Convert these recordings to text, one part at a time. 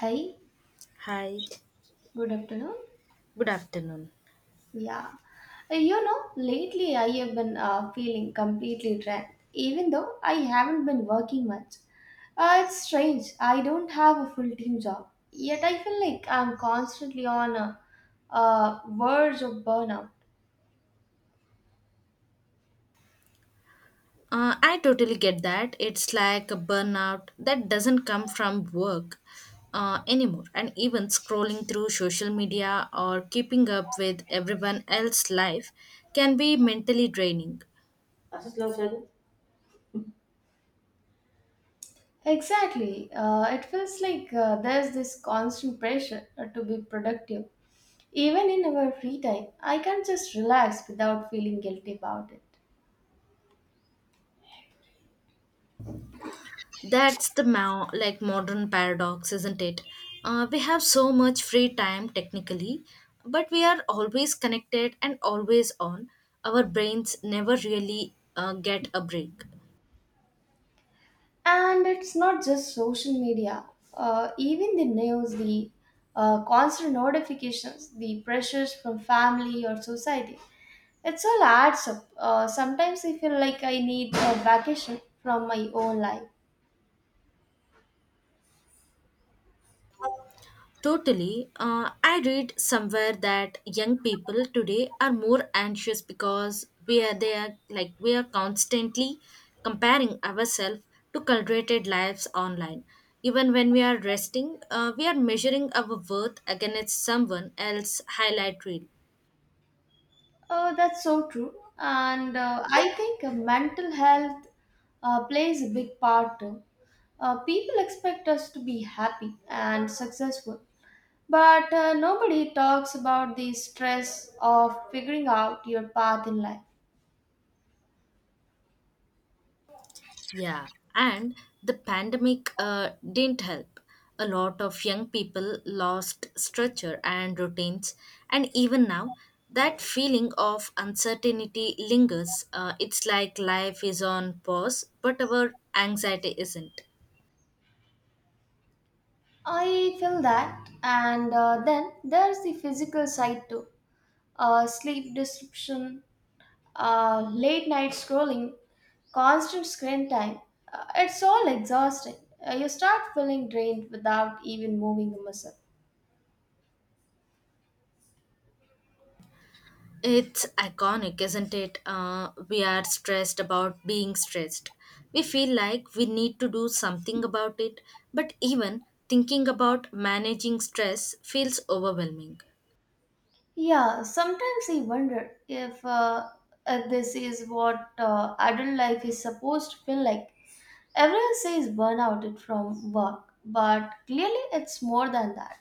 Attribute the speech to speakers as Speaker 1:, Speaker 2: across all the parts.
Speaker 1: Hi,
Speaker 2: Hi,
Speaker 1: good afternoon.
Speaker 2: good afternoon.
Speaker 1: Yeah, lately I have been feeling completely drained, even though I haven't been working much. It's strange. I don't have a full time job, yet I feel like I'm constantly on a verge of burnout.
Speaker 2: I totally get that. It's like a burnout that doesn't come from work anymore. And even scrolling through social media or keeping up with everyone else's life can be mentally draining.
Speaker 1: Asas lang siya. No? Exactly, it feels like there's this constant pressure to be productive. Even in our free time, I can't just relax without feeling guilty about it.
Speaker 2: That's the like modern paradox, isn't it? We have so much free time technically, but we are always connected and always on. Our brains never really get a break.
Speaker 1: And it's not just social media. Even the news, the constant notifications, the pressures from family or society. It's all adds up. Sometimes I feel like I need a vacation from my own life.
Speaker 2: Totally. I read somewhere that young people today are more anxious because we are they are like we are constantly comparing ourselves to curated lives online. Even when we are resting, we are measuring our worth against someone else's highlight reel.
Speaker 1: That's so true. And I think mental health plays a big part too. People expect us to be happy and successful, but nobody talks about the stress of figuring out your path in life.
Speaker 2: Yeah, and the pandemic didn't help. A lot of young people lost structure and routines, and even now, that feeling of uncertainty lingers. It's like life is on pause, but our anxiety isn't.
Speaker 1: I feel that, and then there's the physical side too, sleep disruption, late night scrolling, constant screen time. It's all exhausting. You start feeling drained without even moving a muscle.
Speaker 2: It's iconic, isn't it? We are stressed about being stressed. We feel like we need to do something about it, but even thinking about managing stress feels overwhelming.
Speaker 1: Yeah, sometimes I wonder if this is what adult life is supposed to feel like. Everyone says burnout it from work, but clearly it's more than that.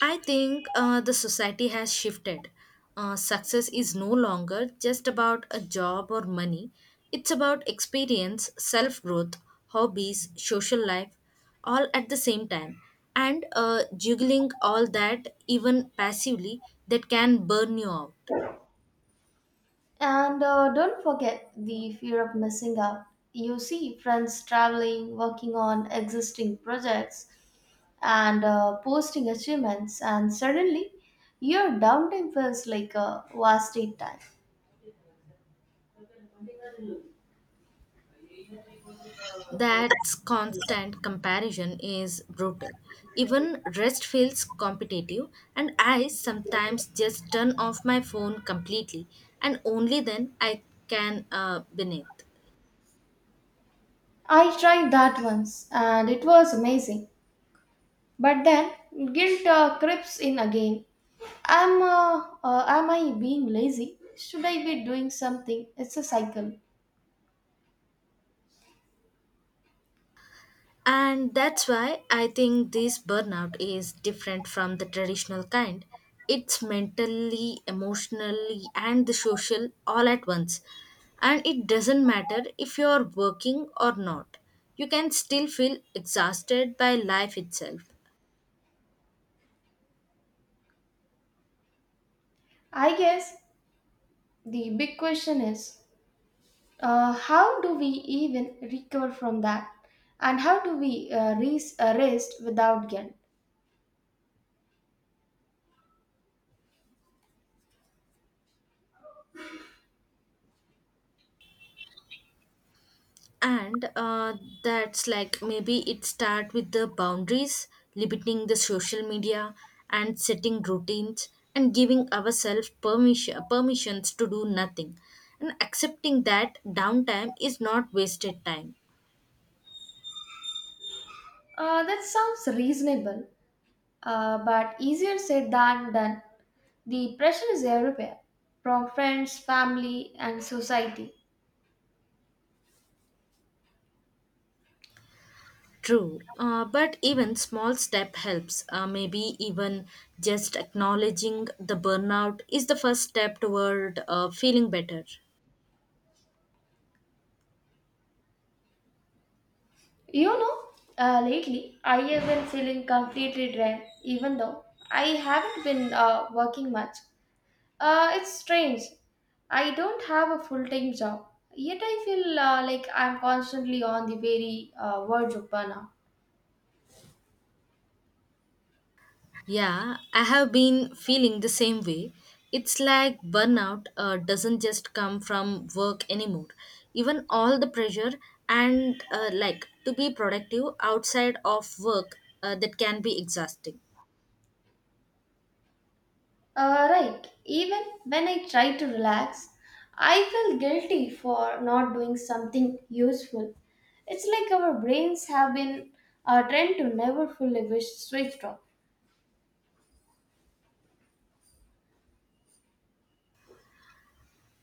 Speaker 2: I think the society has shifted. Success is no longer just about a job or money, it's about experience, self growth, hobbies, social life, all at the same time. And juggling all that, even passively, that can burn you out.
Speaker 1: And don't forget the fear of missing out. You see friends traveling, working on existing projects, and posting achievements, and suddenly your downtime feels like a wasted time.
Speaker 2: That constant comparison is brutal. Even rest feels competitive, and I sometimes just turn off my phone completely, and only then I can beneath.
Speaker 1: I tried that once and it was amazing. But then guilt creeps in again. Am I being lazy? Should I be doing something? It's a cycle.
Speaker 2: And that's why I think this burnout is different from the traditional kind. It's mentally, emotionally, and the social all at once. And it doesn't matter if you're working or not, you can still feel exhausted by life itself.
Speaker 1: I guess the big question is, how do we even recover from that, and how do we rest without guilt?
Speaker 2: And that's like maybe it start with the boundaries, limiting the social media and setting routines and giving ourselves permissions to do nothing and accepting that downtime is not wasted time.
Speaker 1: That sounds reasonable, but easier said than done. The pressure is everywhere, from friends, family, and society.
Speaker 2: True, but even small step helps, maybe even just acknowledging the burnout is the first step toward feeling better.
Speaker 1: You know, Lately I have been feeling completely drained, even though I haven't been working much. It's strange. I don't have a full time job, yet I feel like I'm constantly on the very verge of burnout.
Speaker 2: Yeah, I have been feeling the same way. It's like burnout doesn't just come from work anymore. Even all the pressure and like to be productive outside of work that can be exhausting.
Speaker 1: Right, even when I try to relax, I feel guilty for not doing something useful. It's like our brains have been trained to never fully wish switched off.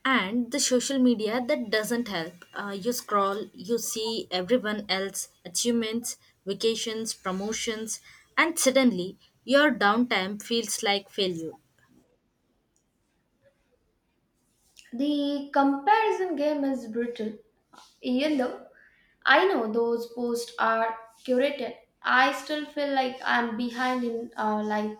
Speaker 2: And the social media that doesn't help. You scroll, you see everyone else achievements, vacations, promotions, and suddenly your downtime feels like failure.
Speaker 1: The comparison game is brutal. Even though I know those posts are curated, I still feel like I'm behind in life.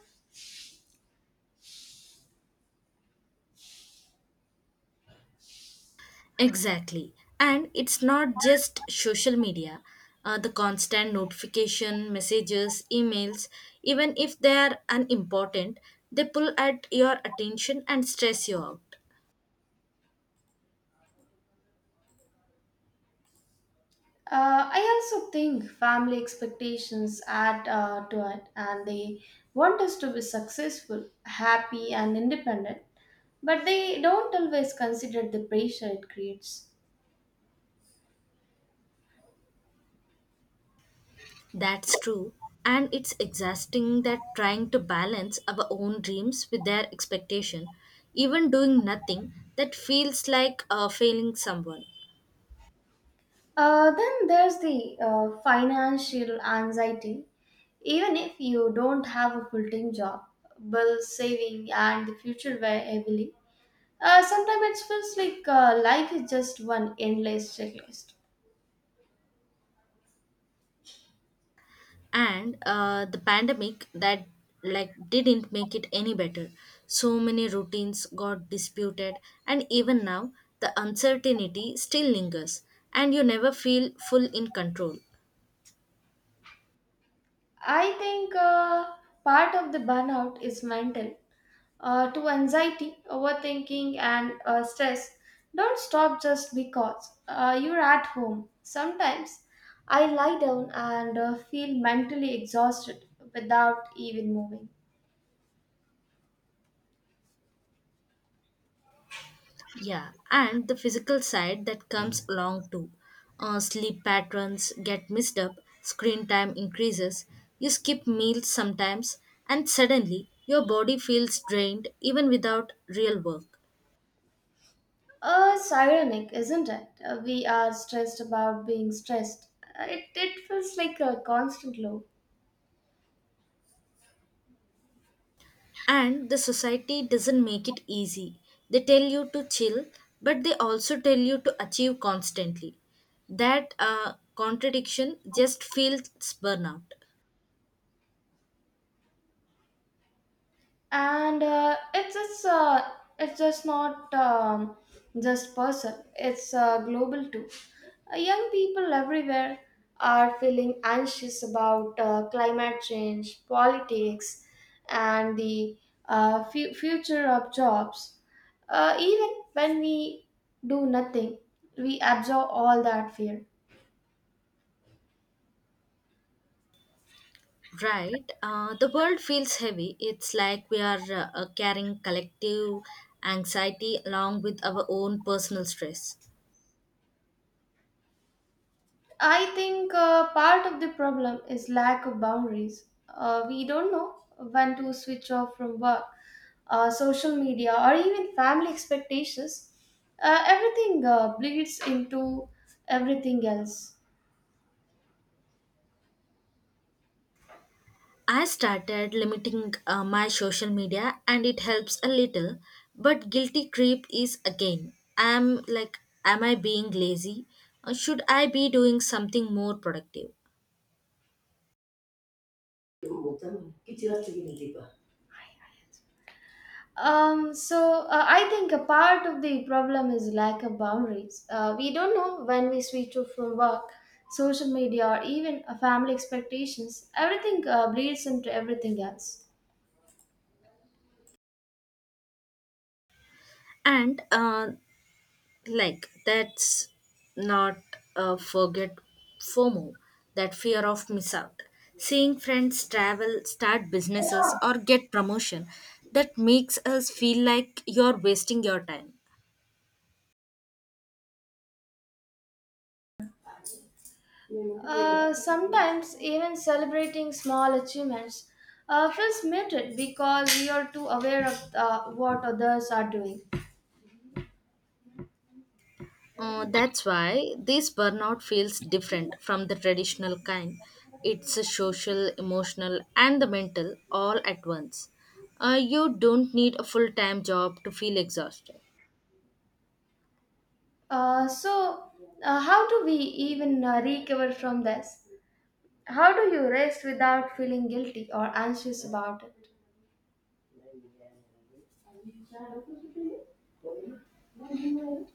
Speaker 2: Exactly. And it's not just social media. The constant notification, messages, emails, even if they are unimportant, they pull at your attention and stress you out.
Speaker 1: I also think family expectations add to it, and they want us to be successful, happy, and independent, but they don't always consider the pressure it creates.
Speaker 2: That's true. And it's exhausting that trying to balance our own dreams with their expectation, even doing nothing, that feels like failing someone.
Speaker 1: Then there's the financial anxiety. Even if you don't have a full time job, bills, saving, and the future weigh heavily. Sometimes it feels like life is just one endless checklist.
Speaker 2: And the pandemic that like didn't make it any better, so many routines got disputed and even now the uncertainty still lingers and you never feel full in control.
Speaker 1: I think part of the burnout is mental. To anxiety, overthinking, and stress, don't stop just because you're at home. Sometimes I lie down and feel mentally exhausted without even moving.
Speaker 2: Yeah, and the physical side that comes along too. Sleep patterns get messed up, screen time increases, you skip meals sometimes, and suddenly your body feels drained even without real work.
Speaker 1: It's ironic, isn't it? We are stressed about being stressed. It feels like a constant loop.
Speaker 2: And the society doesn't make it easy. They tell you to chill, but they also tell you to achieve constantly. That contradiction just feels burnout.
Speaker 1: And it's just not just person it's global too. Young people everywhere are feeling anxious about climate change politics and the future of jobs, even when we do nothing we absorb all that fear.
Speaker 2: Right. The world feels heavy. It's like we are carrying collective anxiety along with our own personal stress.
Speaker 1: I think part of the problem is lack of boundaries. We don't know when to switch off from work, social media, or even family expectations. Everything bleeds into everything else.
Speaker 2: I started limiting my social media and it helps a little, but guilty creep is again. I'm like, am I being lazy? Or should I be doing something more productive?
Speaker 1: So I think a part of the problem is lack of boundaries. We don't know when we switch off from work, social media, or even family expectations. Everything bleeds into everything else.
Speaker 2: And like, that's not forget FOMO, that fear of miss out. Seeing friends travel, start businesses, or get promotion that makes us feel like you're wasting your time.
Speaker 1: Sometimes even celebrating small achievements feels muted because we are too aware of what others are doing.
Speaker 2: That's why this burnout feels different from the traditional kind. It's a social, emotional, and the mental all at once. You don't need a full time job to feel exhausted.
Speaker 1: So, how do we even recover from this? How do you rest without feeling guilty or anxious about it?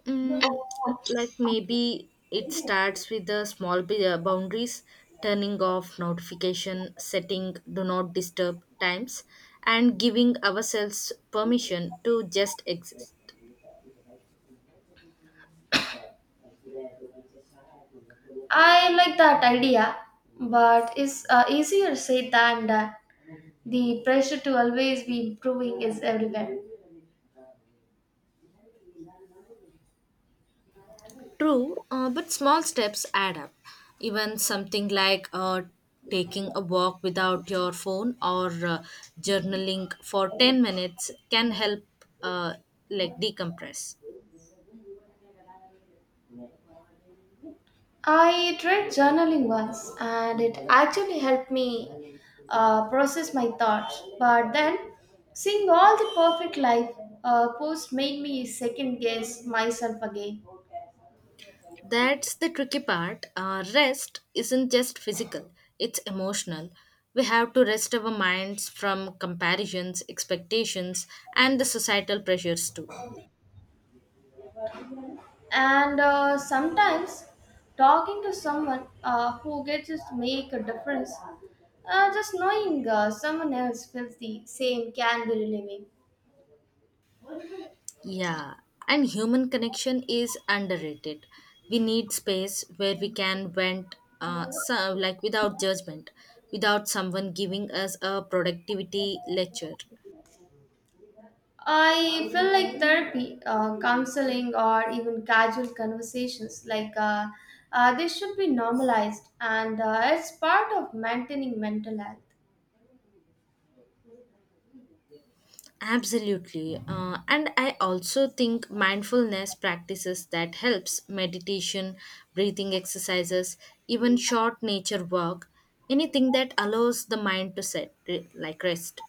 Speaker 2: Mm, like maybe it starts with the small boundaries, turning off notification, setting do not disturb times, and giving ourselves permission to just exist.
Speaker 1: I like that idea, but it's easier said than done. The pressure to always be improving is everywhere.
Speaker 2: True, but small steps add up. Even something like taking a walk without your phone or journaling for 10 minutes can help uh, like decompress.
Speaker 1: I tried journaling once and it actually helped me process my thoughts. But then, seeing all the perfect life posts made me second guess myself again.
Speaker 2: That's the tricky part. Rest isn't just physical, it's emotional. We have to rest our minds from comparisons, expectations, and the societal pressures too.
Speaker 1: And sometimes, talking to someone who gets to make a difference, just knowing someone else feels the same can be relieving.
Speaker 2: Yeah, and human connection is underrated. We need space where we can vent, so, like without judgment, without someone giving us a productivity lecture.
Speaker 1: I feel like therapy, counseling, or even casual conversations, like they should be normalized, and it's part of maintaining mental health.
Speaker 2: Absolutely, and I also think mindfulness practices that helps meditation, breathing exercises, even short nature walk, anything that allows the mind to set like rest.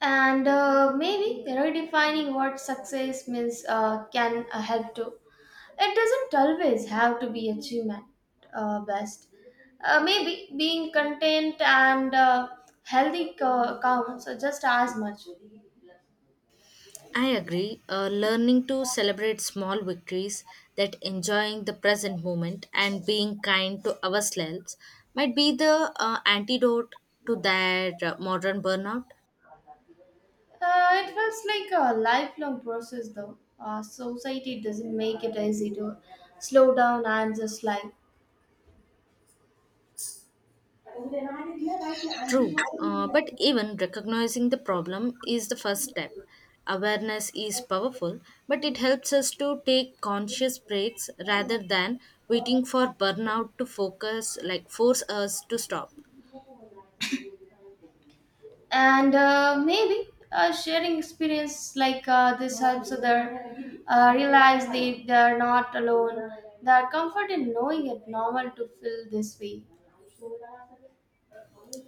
Speaker 1: And maybe redefining what success means can help too. It doesn't always have to be achievement best. Maybe being content and healthy counts just as much.
Speaker 2: I agree. Learning to celebrate small victories, that enjoying the present moment and being kind to ourselves might be the antidote to that modern burnout.
Speaker 1: It feels like a lifelong process, though. Society doesn't make it easy to slow down and just like.
Speaker 2: True, but even recognizing the problem is the first step. Awareness is powerful, but it helps us to take conscious breaks rather than waiting for burnout to focus, like force us to stop.
Speaker 1: And maybe sharing experience like this helps other realize they are not alone. They are comfort in knowing it normal to feel this way.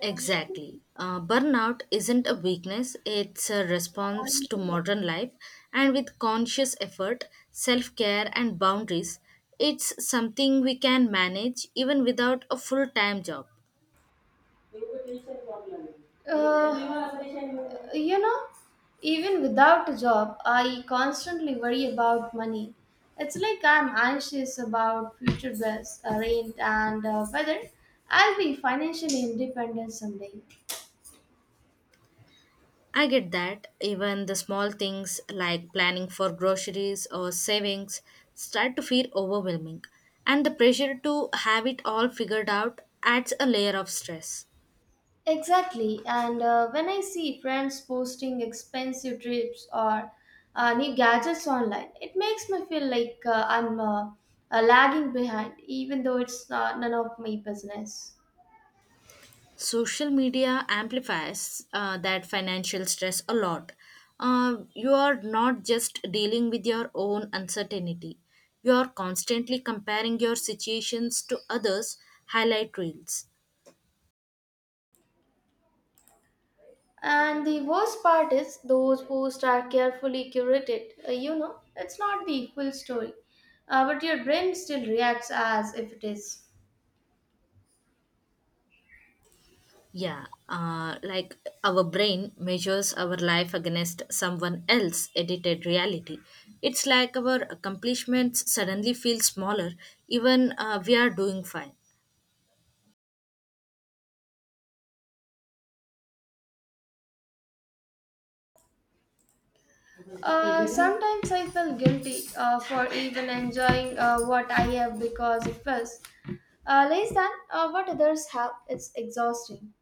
Speaker 2: Exactly. Burnout isn't a weakness, it's a response to modern life. And with conscious effort, self care, and boundaries, it's something we can manage even without a full time job.
Speaker 1: Uh, You know, Even without a job, I constantly worry about money. It's like I'm anxious about future bills, rent, and whether I'll be financially independent someday.
Speaker 2: I get that. Even the small things like planning for groceries or savings start to feel overwhelming. And the pressure to have it all figured out adds a layer of stress.
Speaker 1: Exactly, and when I see friends posting expensive trips or new gadgets online, it makes me feel like I'm lagging behind, even though it's not none of my business.
Speaker 2: Social media amplifies that financial stress a lot. You are not just dealing with your own uncertainty, you are constantly comparing your situations to others' highlight reels.
Speaker 1: And the worst part is, those posts are carefully curated. It's not the full story. But your brain still reacts as if it is.
Speaker 2: Yeah, like our brain measures our life against someone else's edited reality. It's like our accomplishments suddenly feel smaller, even we are doing fine.
Speaker 1: Sometimes I feel guilty for even enjoying what I have because it was less than what others have. It's exhausting.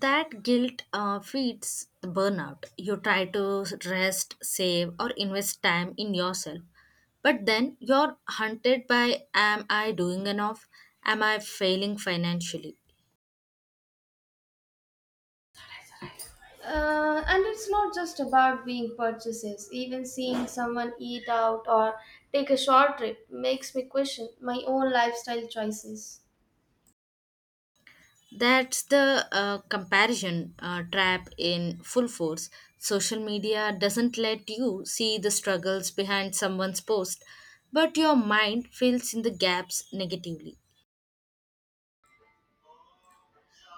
Speaker 2: That guilt feeds the burnout. You try to rest, save, or invest time in yourself. But then you're hunted by, am I doing enough? Am I failing financially?
Speaker 1: And it's not just about being purchases. Even seeing someone eat out or take a short trip makes me question my own lifestyle choices.
Speaker 2: That's the comparison trap in full force. Social media doesn't let you see the struggles behind someone's post, but your mind fills in the gaps negatively.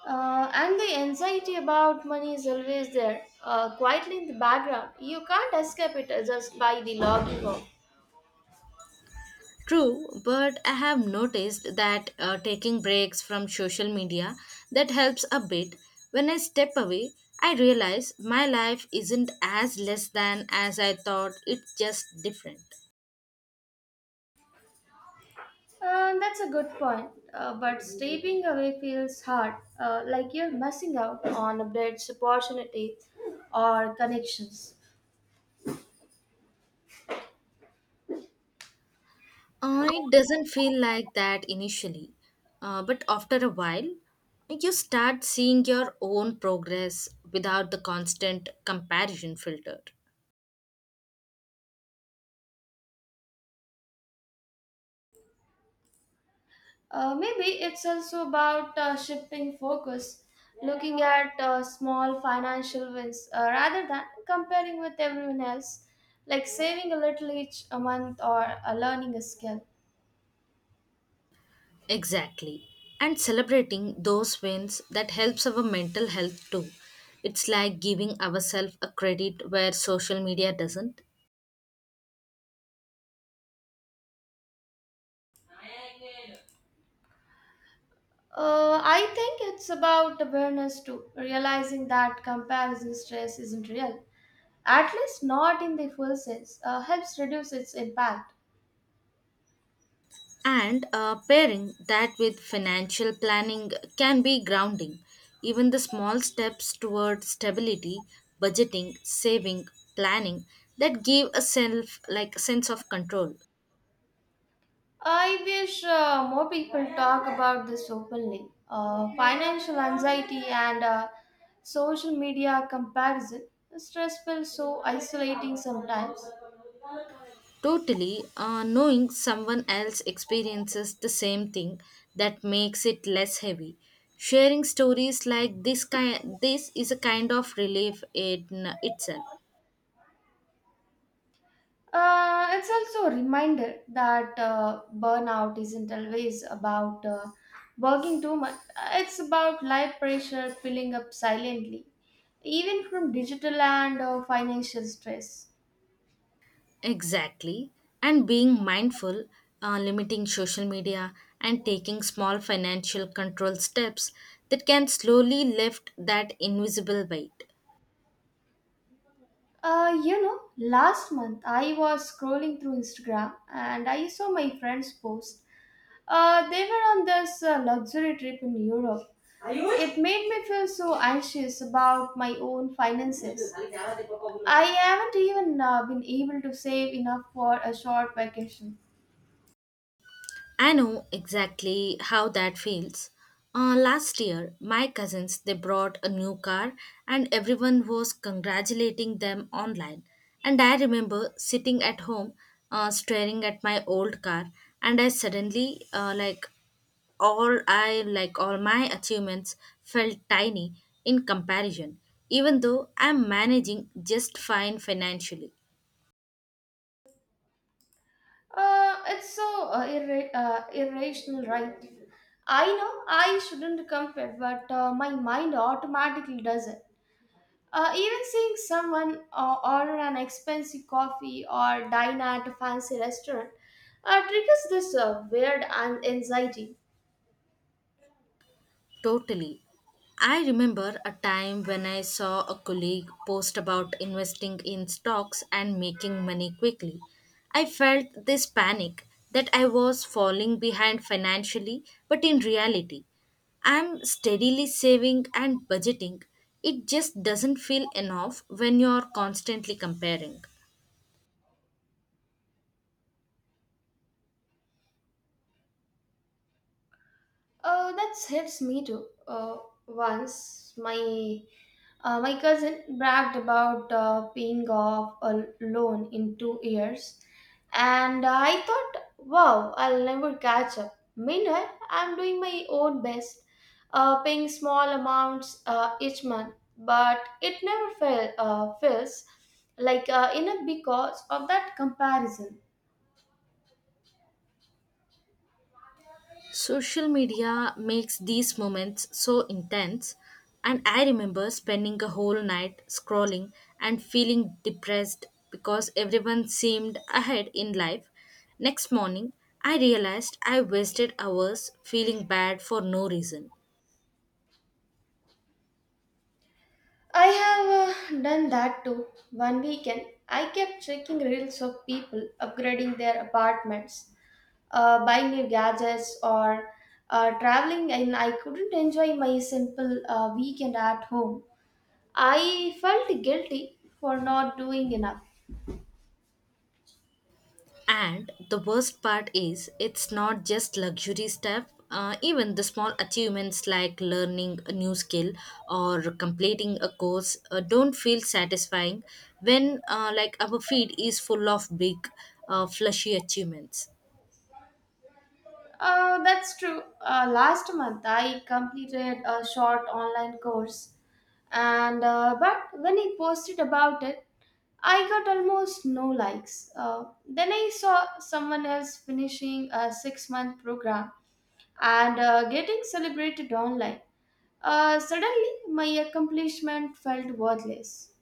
Speaker 1: And the anxiety about money is always there, quietly in the background. You can't escape it just by the logging off.
Speaker 2: True, but I have noticed that taking breaks from social media that helps a bit. When I step away, I realize my life isn't as less than as I thought. It's just different.
Speaker 1: That's a good point. But stepping away feels hard, like you're missing out on a updates, opportunity, or connections.
Speaker 2: It doesn't feel like that initially, but after a while, you start seeing your own progress without the constant comparison filter.
Speaker 1: Maybe it's also about shifting focus, looking at small financial wins rather than comparing with everyone else, like saving a little each a month or learning a skill.
Speaker 2: Exactly. And celebrating those wins that helps our mental health too. It's like giving ourselves a credit where social media doesn't.
Speaker 1: I think it's about awareness too, realizing that comparison stress isn't real, at least not in the full sense, helps reduce its impact.
Speaker 2: And pairing that with financial planning can be grounding. Even the small steps toward stability, budgeting, saving, planning that give a self like sense of control.
Speaker 1: I wish more people talk about this openly. Financial anxiety and social media comparison. Stress feels so isolating sometimes.
Speaker 2: Totally, knowing someone else experiences the same thing that makes it less heavy. Sharing stories like this kind, this is a kind of relief in itself.
Speaker 1: It's also a reminder that burnout isn't always about working too much, it's about life pressure piling up silently, even from digital and financial stress.
Speaker 2: Exactly, and being mindful, limiting social media, and taking small financial control steps that can slowly lift that invisible weight.
Speaker 1: Last month I was scrolling through Instagram and I saw my friends post. They were on this luxury trip in Europe. It made me feel so anxious about my own finances. I haven't even been able to save enough for a short vacation.
Speaker 2: I know exactly how that feels. Last year, my cousins they brought a new car, and everyone was congratulating them online. And I remember sitting at home, staring at my old car, and I suddenly like all my achievements felt tiny in comparison, even though I'm managing just fine financially.
Speaker 1: It's so irrational, right? I know I shouldn't compare, but my mind automatically does it. Even seeing someone order an expensive coffee or dine at a fancy restaurant triggers this weird anxiety.
Speaker 2: Totally. I remember a time when I saw a colleague post about investing in stocks and making money quickly. I felt this panic that I was falling behind financially, but in reality, I'm steadily saving and budgeting. It just doesn't feel enough when you're constantly comparing.
Speaker 1: That helps me too. Once my cousin bragged about paying off a loan in 2 years, and I thought, wow, I'll never catch up. Meanwhile, I'm doing my own best, paying small amounts each month, but it never fell, feels like enough because of that comparison.
Speaker 2: Social media makes these moments so intense, and I remember spending a whole night scrolling and feeling depressed because everyone seemed ahead in life. Next morning, I realized I wasted hours feeling bad for no reason.
Speaker 1: I have done that too. One weekend, I kept checking reels of people upgrading their apartments, buying new gadgets, or traveling, and I couldn't enjoy my simple weekend at home. I felt guilty for not doing enough.
Speaker 2: And the worst part is, it's not just luxury stuff. Even the small achievements like learning a new skill or completing a course don't feel satisfying when like our feed is full of big flashy achievements.
Speaker 1: That's true. Last month, I completed a short online course, and but when I posted about it, I got almost no likes. Then I saw someone else finishing a 6 month program and getting celebrated online. Suddenly, my accomplishment felt worthless.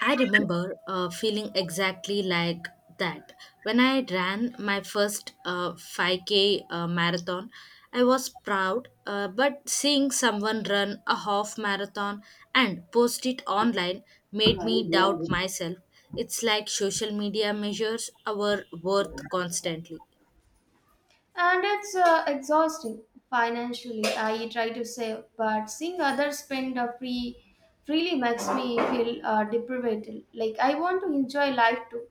Speaker 2: I remember feeling exactly like that. When I ran my first 5K marathon, I was proud, but seeing someone run a half marathon and post it online made me doubt myself. It's like social media measures our worth constantly.
Speaker 1: And it's exhausting financially. I try to save, but seeing others spend freely makes me feel deprived. Like, I want to enjoy life too.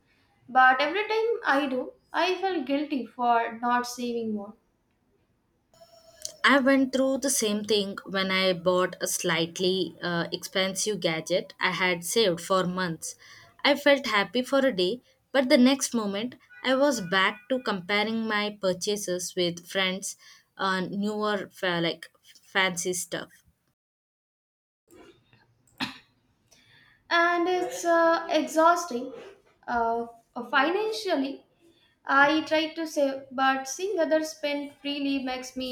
Speaker 1: But every time I do, I feel guilty for not saving more.
Speaker 2: I went through the same thing when I bought a slightly expensive gadget I had saved for months. I felt happy for a day, but the next moment I was back to comparing my purchases with friends on newer like fancy stuff.
Speaker 1: And it's exhausting uh, financially. I try to save but seeing others spend freely makes me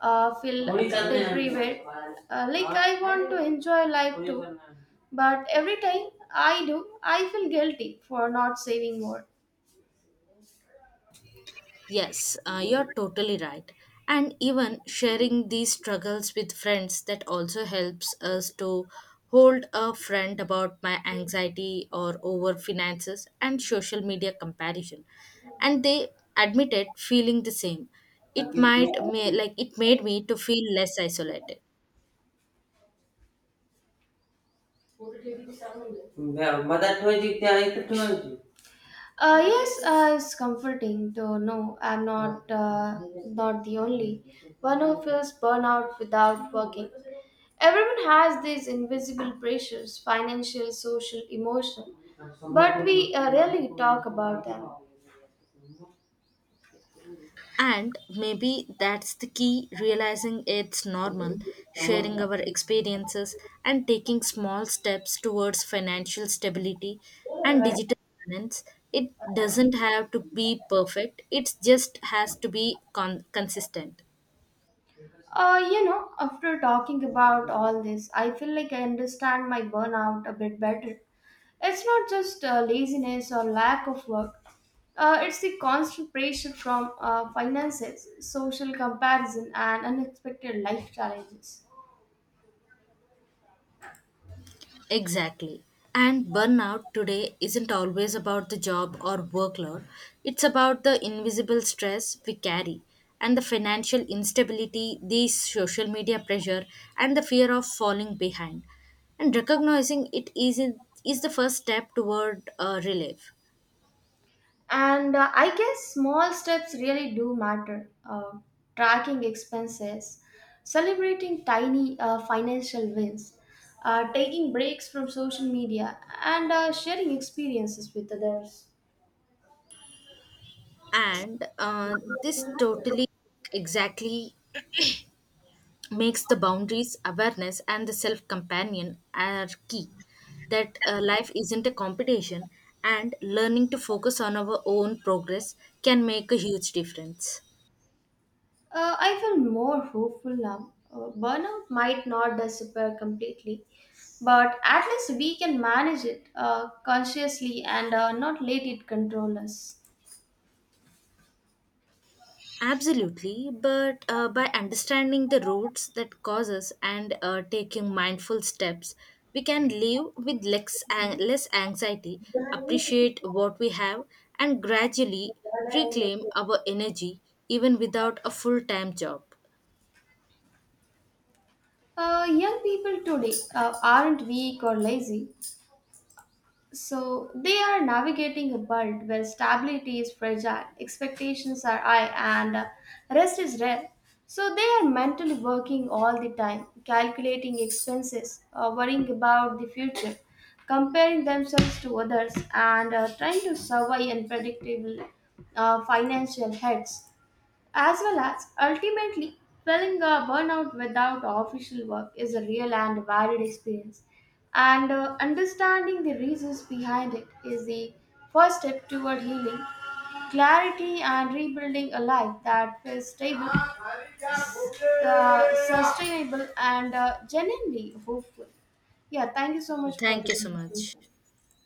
Speaker 1: feel deprived, like I want to enjoy life too. But every time I do I feel guilty for not saving more.
Speaker 2: Yes, you're totally right. And even sharing these struggles with friends that also helps us to hold a friend about my anxiety or over finances and social media comparison. And they admitted feeling the same. It like it made me to feel less isolated.
Speaker 1: Mother ಟೋಜಿದ್ದೆ ಆಯ್ತು ಟೋಜಿ. Yes, it's comforting to know I'm not the only one who feels burnout without working. Everyone has these invisible pressures financial, social, emotional, but we rarely talk about them.
Speaker 2: And maybe that's the key realizing it's normal, sharing our experiences, and taking small steps towards financial stability and digital balance. It doesn't have to be perfect, it just has to be consistent.
Speaker 1: After talking about all this, I feel like I understand my burnout a bit better. It's not just laziness or lack of work, it's the constant pressure from finances, social comparison, and unexpected life challenges.
Speaker 2: Exactly. And burnout today isn't always about the job or workload, it's about the invisible stress we carry and the financial instability, the social media pressure, and the fear of falling behind. And recognizing it is the first step toward relief.
Speaker 1: And I guess small steps really do matter. Tracking expenses, celebrating tiny financial wins, taking breaks from social media, and sharing experiences with others.
Speaker 2: And this totally exactly makes the boundaries, awareness, and the self companion are key. That life isn't a competition, and learning to focus on our own progress can make a huge difference.
Speaker 1: I feel more hopeful now. Burnout might not disappear completely, but at least we can manage it consciously and not let it control us.
Speaker 2: Absolutely, but by understanding the roots that cause us and taking mindful steps, we can live with less, less anxiety, appreciate what we have, and gradually reclaim our energy even without a full time job.
Speaker 1: Young people today aren't weak or lazy, so they are navigating a world where stability is fragile, expectations are high, and rest is rare. So they are mentally working all the time, calculating expenses, worrying about the future, comparing themselves to others, and trying to survive unpredictable financial heads. As well as ultimately, feeling a burnout without official work is a real and varied experience, and understanding the reasons behind it is the first step toward healing, clarity, and rebuilding a life that feels stable, sustainable, and genuinely hopeful. Yeah, thank you so much for
Speaker 2: Thank
Speaker 1: the
Speaker 2: you so much.
Speaker 1: conversation.